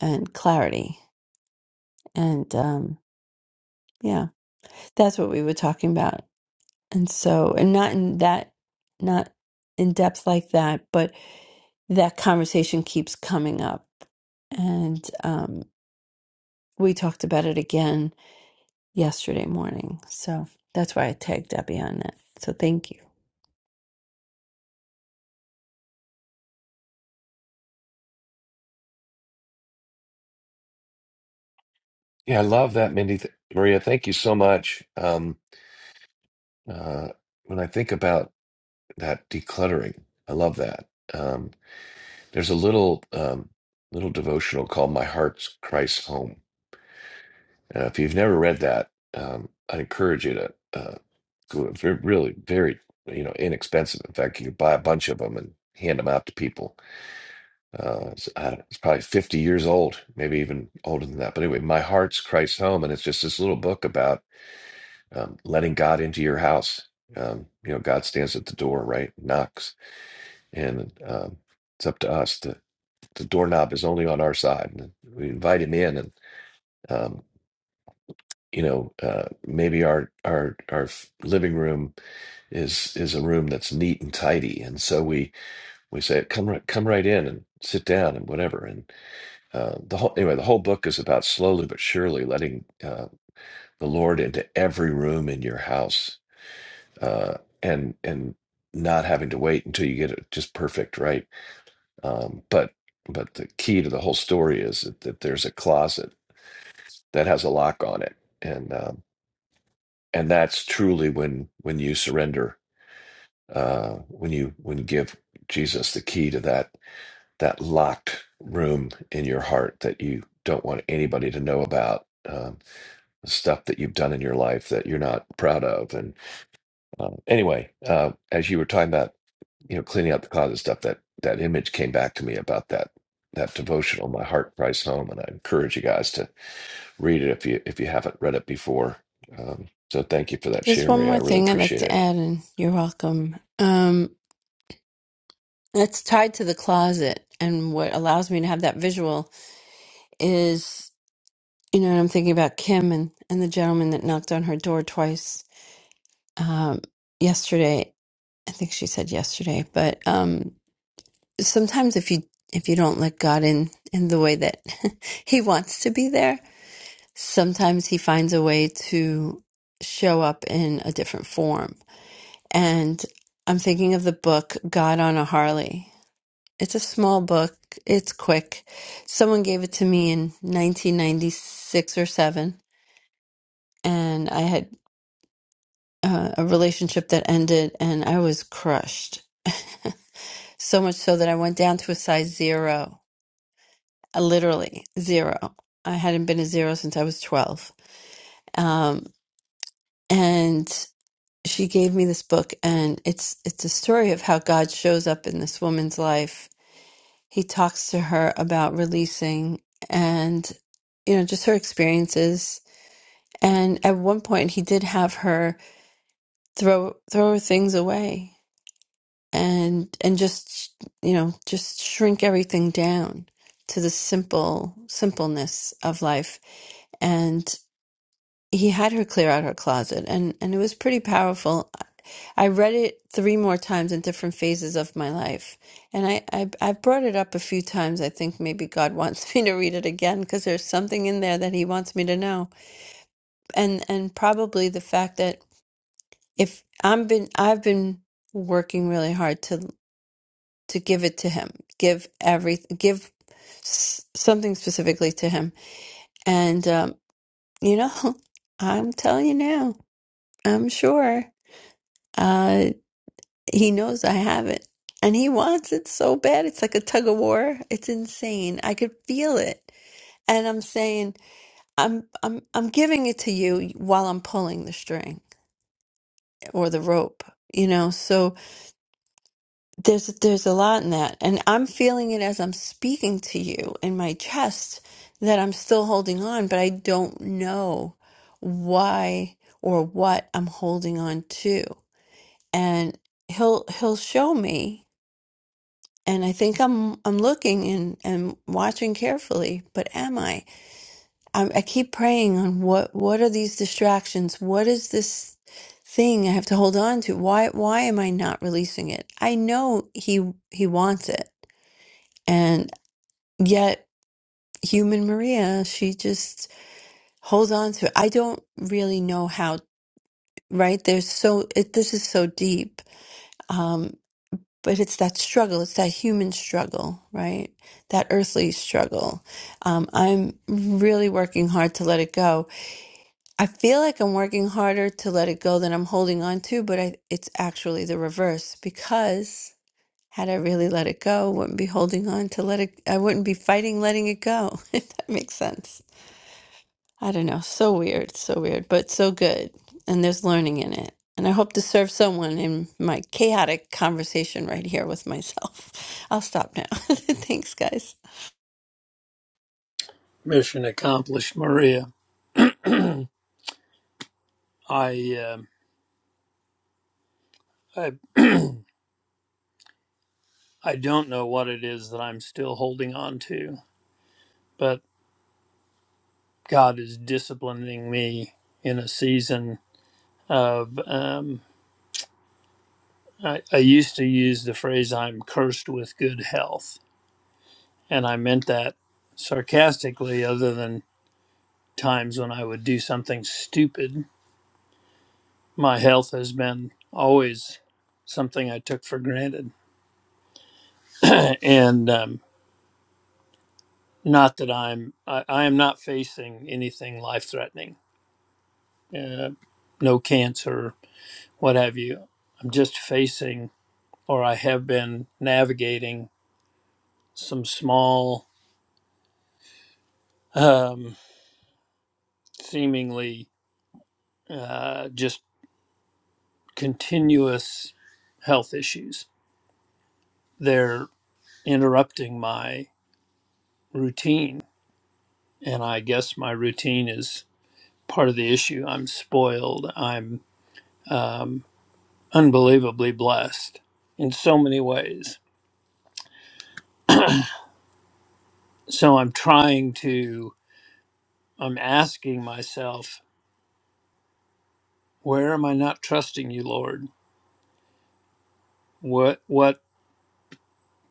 [SPEAKER 9] and clarity. And um, yeah, that's what we were talking about. And so, and not in that, not in depth like that, but that conversation keeps coming up. And um, we talked about it again yesterday morning. So that's why I tagged Debbie on that. So thank you.
[SPEAKER 2] Yeah, I love that, Mindy. Th- Maria, thank you so much. Um, uh, when I think about that decluttering, I love that. Um, there's a little um, little devotional called "My Heart's Christ Home." Uh, if you've never read that, um, I'd encourage you to uh, go. It's re- really very you know inexpensive. In fact, you could buy a bunch of them and hand them out to people Uh, it's, I don't it's probably 50 years old, maybe even older than that. But anyway, My Heart's Christ's Home. And it's just this little book about um, letting God into your house. Um, you know, God stands at the door, right? Knocks. And um, it's up to us. The, the doorknob is only on our side. And we invite him in. And, um, you know, uh, maybe our, our, our f- living room is, is a room that's neat and tidy. And so we, we say, come right, come right in and sit down and whatever. and uh, the whole anyway the whole book is about slowly but surely letting uh, the lord into every room in your house uh, and and not having to wait until you get it just perfect right um, but but the key to the whole story is that, that there's a closet that has a lock on it and um, and that's truly when when you surrender uh, when you when you give jesus the key to that that locked room in your heart that you don't want anybody to know about Um, stuff that you've done in your life that you're not proud of. And uh, anyway, uh, as you were talking about, you know, cleaning out the closet stuff, that that image came back to me about that that devotional, "My Heart Cries Home," and I encourage you guys to read it if you if you haven't read it before. Um, so thank you for that
[SPEAKER 9] There's
[SPEAKER 2] share,
[SPEAKER 9] one
[SPEAKER 2] Maria. I
[SPEAKER 9] more
[SPEAKER 2] really
[SPEAKER 9] thing I'd like
[SPEAKER 2] appreciate
[SPEAKER 9] to
[SPEAKER 2] it.
[SPEAKER 9] add, and you're welcome. Um, it's tied to the closet, and what allows me to have that visual is, you know, and I'm thinking about Kim and, and the gentleman that knocked on her door twice um, yesterday. I think she said yesterday, but um, sometimes if you if you don't let God in in the way that He wants to be there, sometimes he finds a way to show up in a different form. And I'm thinking of the book God on a Harley. It's a small book, it's quick. Someone gave it to me in 1996 or 7, and I had uh, a relationship that ended and I was crushed. so much so that I went down to a size 0, uh, literally 0. I hadn't been a 0 since I was 12. Um, and she gave me this book and it's it's a story of how God shows up in this woman's life. He talks to her about releasing and you know just her experiences and at one point he did have her throw throw things away and and just you know just shrink everything down to the simple simpleness of life and he had her clear out her closet and and it was pretty powerful I read it three more times in different phases of my life. And I, I, I've brought it up a few times. I think maybe God wants me to read it again because there's something in there that He wants me to know. And and probably the fact that if I'm been I've been working really hard to to give it to Him, give every give s- something specifically to Him. And um, you know, I'm telling you now, I'm sure. uh, He knows I have it. And he wants it so bad. It's like a tug of war. It's insane. I could feel it. And I'm saying, I'm I'm I'm giving it to you while I'm pulling the string or the rope. You know, so there's there's a lot in that. And I'm feeling it as I'm speaking to you in my chest that I'm still holding on, but I don't know why or what I'm holding on to. And he'll he'll show me and I think I'm I'm looking and, and watching carefully, but am I? I? I keep praying on what what are these distractions? What is this thing I have to hold on to? Why why am I not releasing it? I know he he wants it, and yet human Maria, she just holds on to it. I don't really know how. Right? There's so it, this is so deep. Um, but it's that struggle it's that human struggle right that earthly struggle um, i'm really working hard to let it go i feel like i'm working harder to let it go than i'm holding on to but I, it's actually the reverse because had i really let it go I wouldn't be holding on to let it i wouldn't be fighting letting it go if that makes sense I don't know. So weird, so weird, but so good. And there's learning in it. And I hope to serve someone in my chaotic conversation right here with myself. I'll stop now. Thanks, guys.
[SPEAKER 6] mission accomplished, Maria. I um I I don't know what it is that I'm still holding on to, but God is disciplining me in a season of. Um, I, I used to use the phrase "I'm cursed with good health," and I meant that sarcastically, other than times when I would do something stupid. My health has been always something I took for granted, and um, Not that I'm, I, I am not facing anything life threatening, uh, no cancer, what have you. I'm just facing, or I have been navigating some small, um, seemingly uh, just continuous health issues. They're interrupting my routine. And I guess my routine is part of the issue. I'm spoiled. I'm um, unbelievably blessed in so many ways So I'm trying to, I'm asking myself, where am I not trusting you, Lord? What, what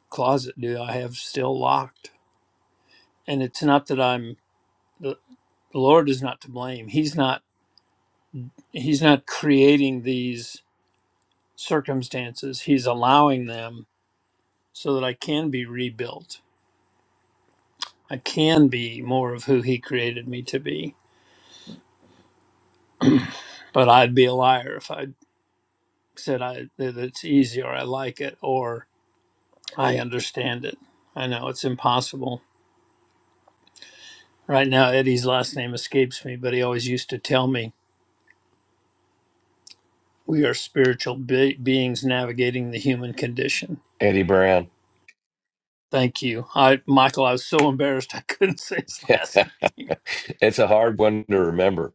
[SPEAKER 6] closet do I have still locked? And it's not that I'm, the Lord is not to blame. He's not, He's not creating these circumstances. He's allowing them so that I can be rebuilt. I can be more of who He created me to be. But I'd be a liar if I said I, that it's easy or I like it Or I understand it. I know it's impossible. Right now, Eddie's last name escapes me, but he always used to tell me we are spiritual be- beings navigating the human condition.
[SPEAKER 2] Andy Brown,
[SPEAKER 6] Thank you, I, Michael. I was so embarrassed I couldn't say his last name.
[SPEAKER 2] it's a hard one to remember.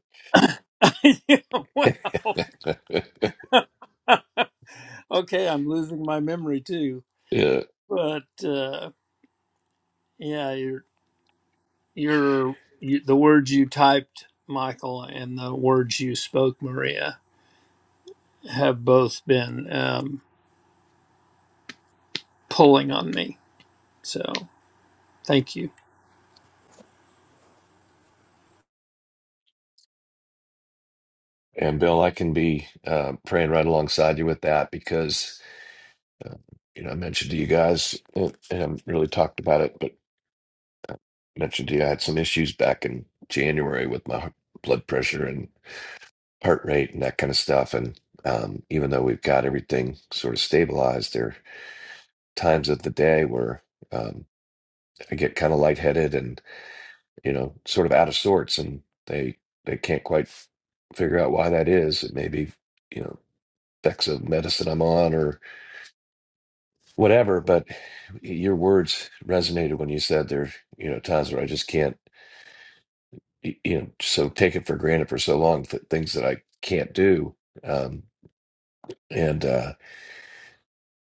[SPEAKER 6] Yeah, wow. Okay, I'm losing my memory too.
[SPEAKER 2] yeah.
[SPEAKER 6] But uh, yeah, you're, you're you, the words you typed, Michael, and the words you spoke, Maria, have both been um, pulling on me. So. Thank you.
[SPEAKER 2] And Bill, I can be uh, praying right alongside you with that because Uh, you know, I mentioned to you guys, and I haven't really talked about it, but mentioned to you, I had some issues back in January with my heart- blood pressure and heart rate and that kind of stuff. And um, even though we've got everything sort of stabilized, there are times of the day where um, I get kind of lightheaded and, you know, sort of out of sorts, and they they can't quite figure out why that is. It may be, you know, effects of medicine I'm on whatever. But your words resonated when you said there, you know, times where I just can't, y- you know, so take it for granted for so long that things that I can't do. Um, and, uh,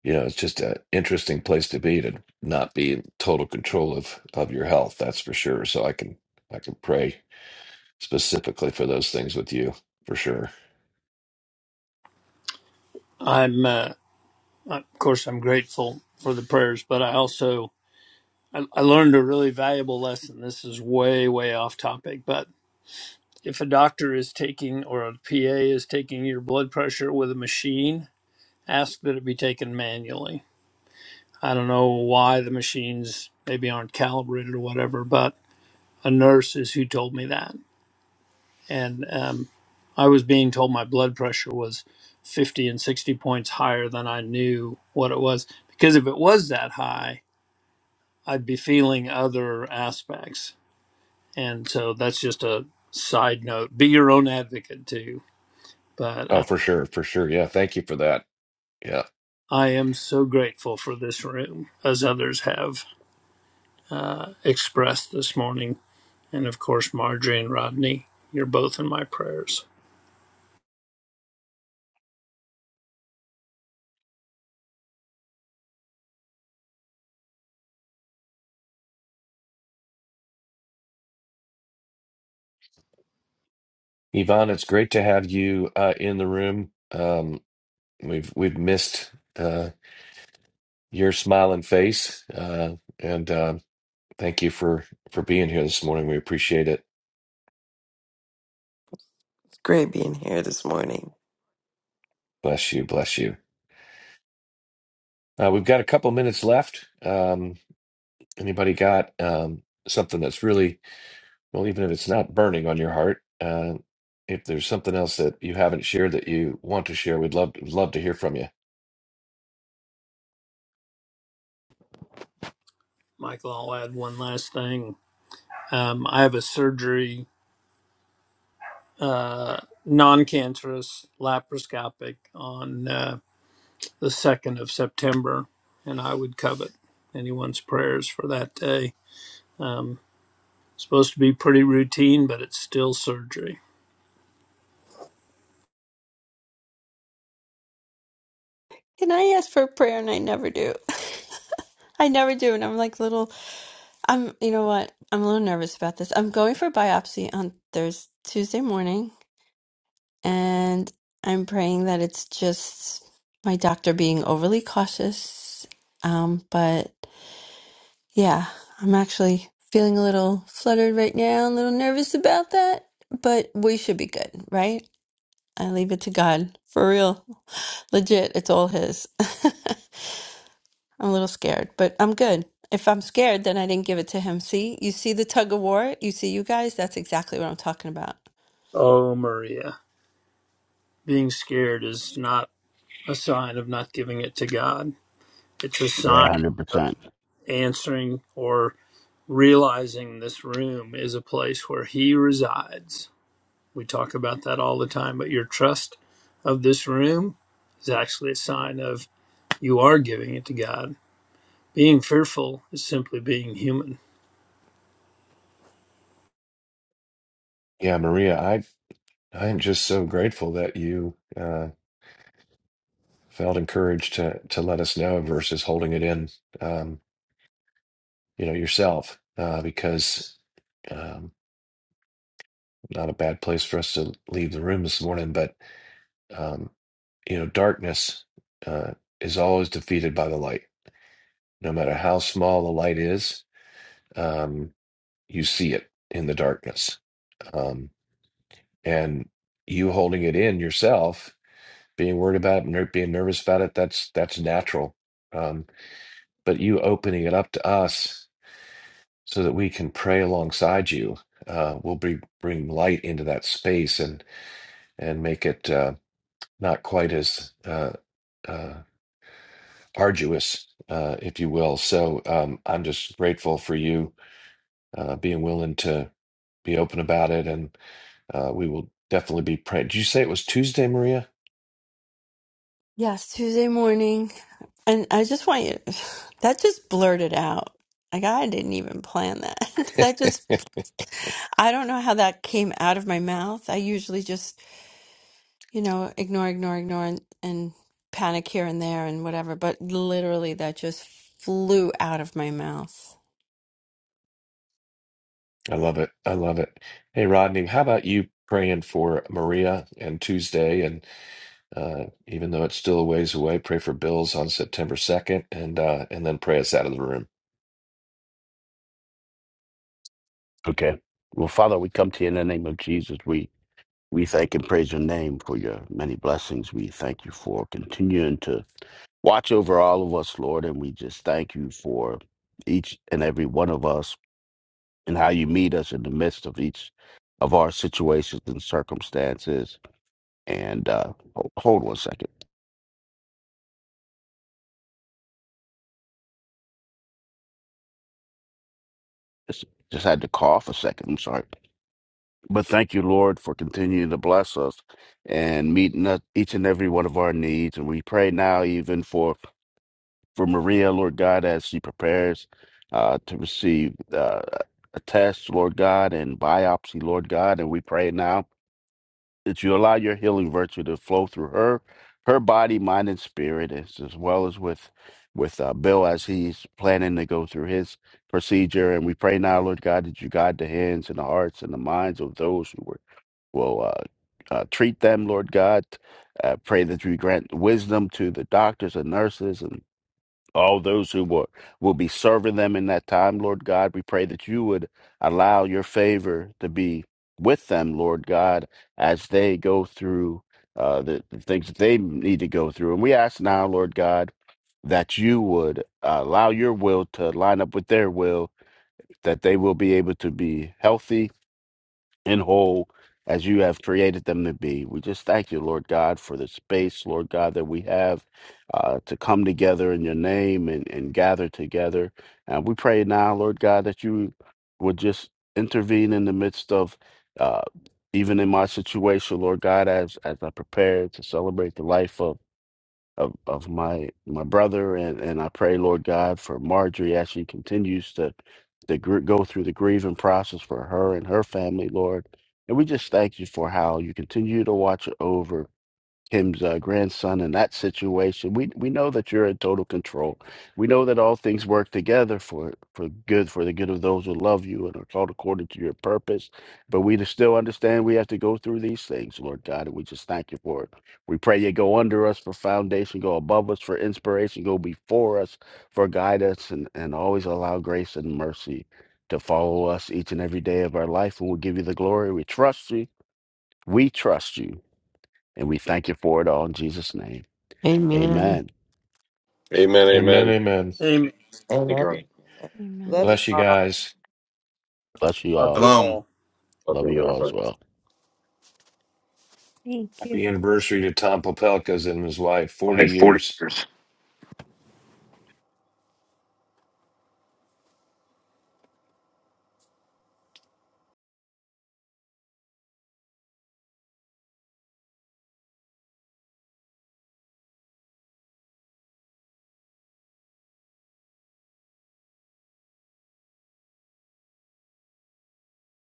[SPEAKER 2] you know, it's just an interesting place to be to not be in total control of, of your health. That's for sure. So I can, I can pray specifically for those things with you for sure.
[SPEAKER 6] I'm, uh, of course, I'm grateful for the prayers, but I also I, I learned a really valuable lesson. This is way, way off topic, but if a doctor is taking or a PA is taking your blood pressure with a machine, ask that it be taken manually. I don't know why the machines maybe aren't calibrated or whatever, but a nurse is who told me that. and um, I was being told my blood pressure was 50 and 60 points higher than I knew what it was. Because if it was that high, I'd be feeling other aspects. And so that's just a side note. Be your own advocate too. But
[SPEAKER 2] Oh,
[SPEAKER 6] uh,
[SPEAKER 2] for sure. For sure. Yeah. Thank you for that. Yeah.
[SPEAKER 6] I am so grateful for this room, as others have uh, expressed this morning. And of course, Marjorie and Rodney, you're both in my prayers.
[SPEAKER 2] Yvonne, it's great to have you uh, in the room. Um, we've, we've missed, uh, your smiling face. Uh, and uh, thank you for for being here this morning. We appreciate it.
[SPEAKER 10] It's great being here this morning.
[SPEAKER 2] Bless you. Bless you. Uh, we've got a couple minutes left. Um, anybody got um, something that's really well, even if it's not burning on your heart, uh, if there's something else that you haven't shared that you want to share, we'd love would love to hear from you.
[SPEAKER 6] Michael, I'll add one last thing. Um, I have a surgery uh, non-cancerous laparoscopic on uh, the 2nd of September, and I would covet anyone's prayers for that day. Um, supposed to be pretty routine, but it's still surgery.
[SPEAKER 9] Can I ask for a prayer? And I never do. I never do. And I'm like little, I'm, you know what? I'm a little nervous about this. I'm going for biopsy on Thursday, Tuesday morning. And I'm praying that it's just my doctor being overly cautious. Um, but Yeah, I'm actually feeling a little fluttered right now, a little nervous about that, but we should be good, right? I leave it to God. For real. Legit, it's all His. I'm a little scared, but I'm good. If I'm scared, then I didn't give it to Him. See, you see the tug of war? You see, you guys? That's exactly what I'm talking about.
[SPEAKER 6] Oh, Maria, being scared is not a sign of not giving it to God. It's a
[SPEAKER 4] Yeah,
[SPEAKER 6] sign of
[SPEAKER 4] 100%.
[SPEAKER 6] answering or realizing this room is a place where He resides We talk about that all the time, but your trust of this room is actually a sign of you are giving it to God. Being fearful is simply being human.
[SPEAKER 2] Yeah, Maria, I I am just so grateful that you uh, felt encouraged to to let us know versus holding it in. Um, you know yourself uh, because um, not a bad place for us to leave the room this morning but um, you know darkness uh, is always defeated by the light no matter how small the light is um, you see it in the darkness um, and you holding it in yourself being worried about it ner- being nervous about it that's that's natural um, but you opening it up to us so that we can pray alongside you. Uh, we'll be, bring light into that space and and make it uh, not quite as uh, uh, arduous, uh, if you will. So um, I'm just grateful for you uh, being willing to be open about it, and uh, we will definitely be praying. Did you say it was Tuesday, Maria?
[SPEAKER 9] Yes, Tuesday morning. And I just want you, that just blurted out. Like, I didn't even plan that. that just, I don't know how that came out of my mouth. I usually just you know, ignore, ignore, ignore, and, and panic here and there and whatever. But literally, that just flew out of my mouth.
[SPEAKER 2] I love it. I love it. Hey, Rodney, how about you praying for Maria and Tuesday? and Uh, even though it's still a ways away, pray for Bills on September 2nd and uh, and then pray us out of the room.
[SPEAKER 4] Okay. Well, Father, we come to you in the name of Jesus. We we thank and praise your name for your many blessings. We thank you for continuing to watch over all of us, Lord. And we just thank you for each and every one of us. and how you meet us in the midst of each of our situations and circumstances. And uh, ho- hold one second. Just, just had to cough a second. I'm sorry. But thank you, Lord, for continuing to bless us and meeting us, each and every one of our needs. And we pray now, even for, for Maria, Lord God, as she prepares uh, to receive uh, a test, Lord God, and biopsy, Lord God. And we pray now that you allow your healing virtue to flow through her, her body, mind, and spirit, as, as well as with with uh, Bill as he's planning to go through his procedure. And we pray now, Lord God, that you guide the hands and the hearts and the minds of those who were will uh, uh, treat them, Lord God. Uh, pray that you grant wisdom to the doctors and nurses and all those who will, will be serving them in that time, Lord God. We pray that you would allow your favor to be with them, Lord God, as they go through uh, the, the things that they need to go through. And we ask now, Lord God, that you would uh, allow your will to line up with their will, that they will be able to be healthy and whole as you have created them to be. We just thank you, Lord God, for the space, Lord God, that we have uh, to come together in your name and, and gather together. And we pray now, Lord God, that you would just intervene in the midst of. Uh, even in my situation, Lord God, as as I prepare to celebrate the life of of, of my my brother and and I pray Lord God for Marjorie as she continues to to gr- go through the grieving process for her and her family Lord and we just thank you for how you continue to watch over Kim's uh, grandson in that situation. We we know that you're in total control. We know that all things work together for for good, for the good of those who love you and are called according to your purpose. But we just still understand we have to go through these things, Lord God, and we just thank you for it. We pray you go under us for foundation, go above us for inspiration, go before us for guidance, and, and always allow grace and mercy to follow us each and every day of our life. And we'll give you the glory. We trust you. We trust you. And we thank you for it all in Jesus' name.
[SPEAKER 1] Amen.
[SPEAKER 4] Amen.
[SPEAKER 5] Amen.
[SPEAKER 2] Amen,
[SPEAKER 5] Amen.
[SPEAKER 2] amen.
[SPEAKER 6] Amen.
[SPEAKER 5] Thank you,
[SPEAKER 10] Amen.
[SPEAKER 5] Ron.
[SPEAKER 9] Amen.
[SPEAKER 3] Love you.
[SPEAKER 2] Bless you
[SPEAKER 3] all.
[SPEAKER 2] guys.
[SPEAKER 4] Bless you
[SPEAKER 6] Love
[SPEAKER 4] all.
[SPEAKER 6] you
[SPEAKER 8] Shalom.
[SPEAKER 6] all.
[SPEAKER 4] Love
[SPEAKER 5] Welcome,
[SPEAKER 4] you all
[SPEAKER 5] everybody.
[SPEAKER 4] as well.
[SPEAKER 9] Thank you.
[SPEAKER 2] Happy anniversary to Tom Popelka's and his wife, 40 years.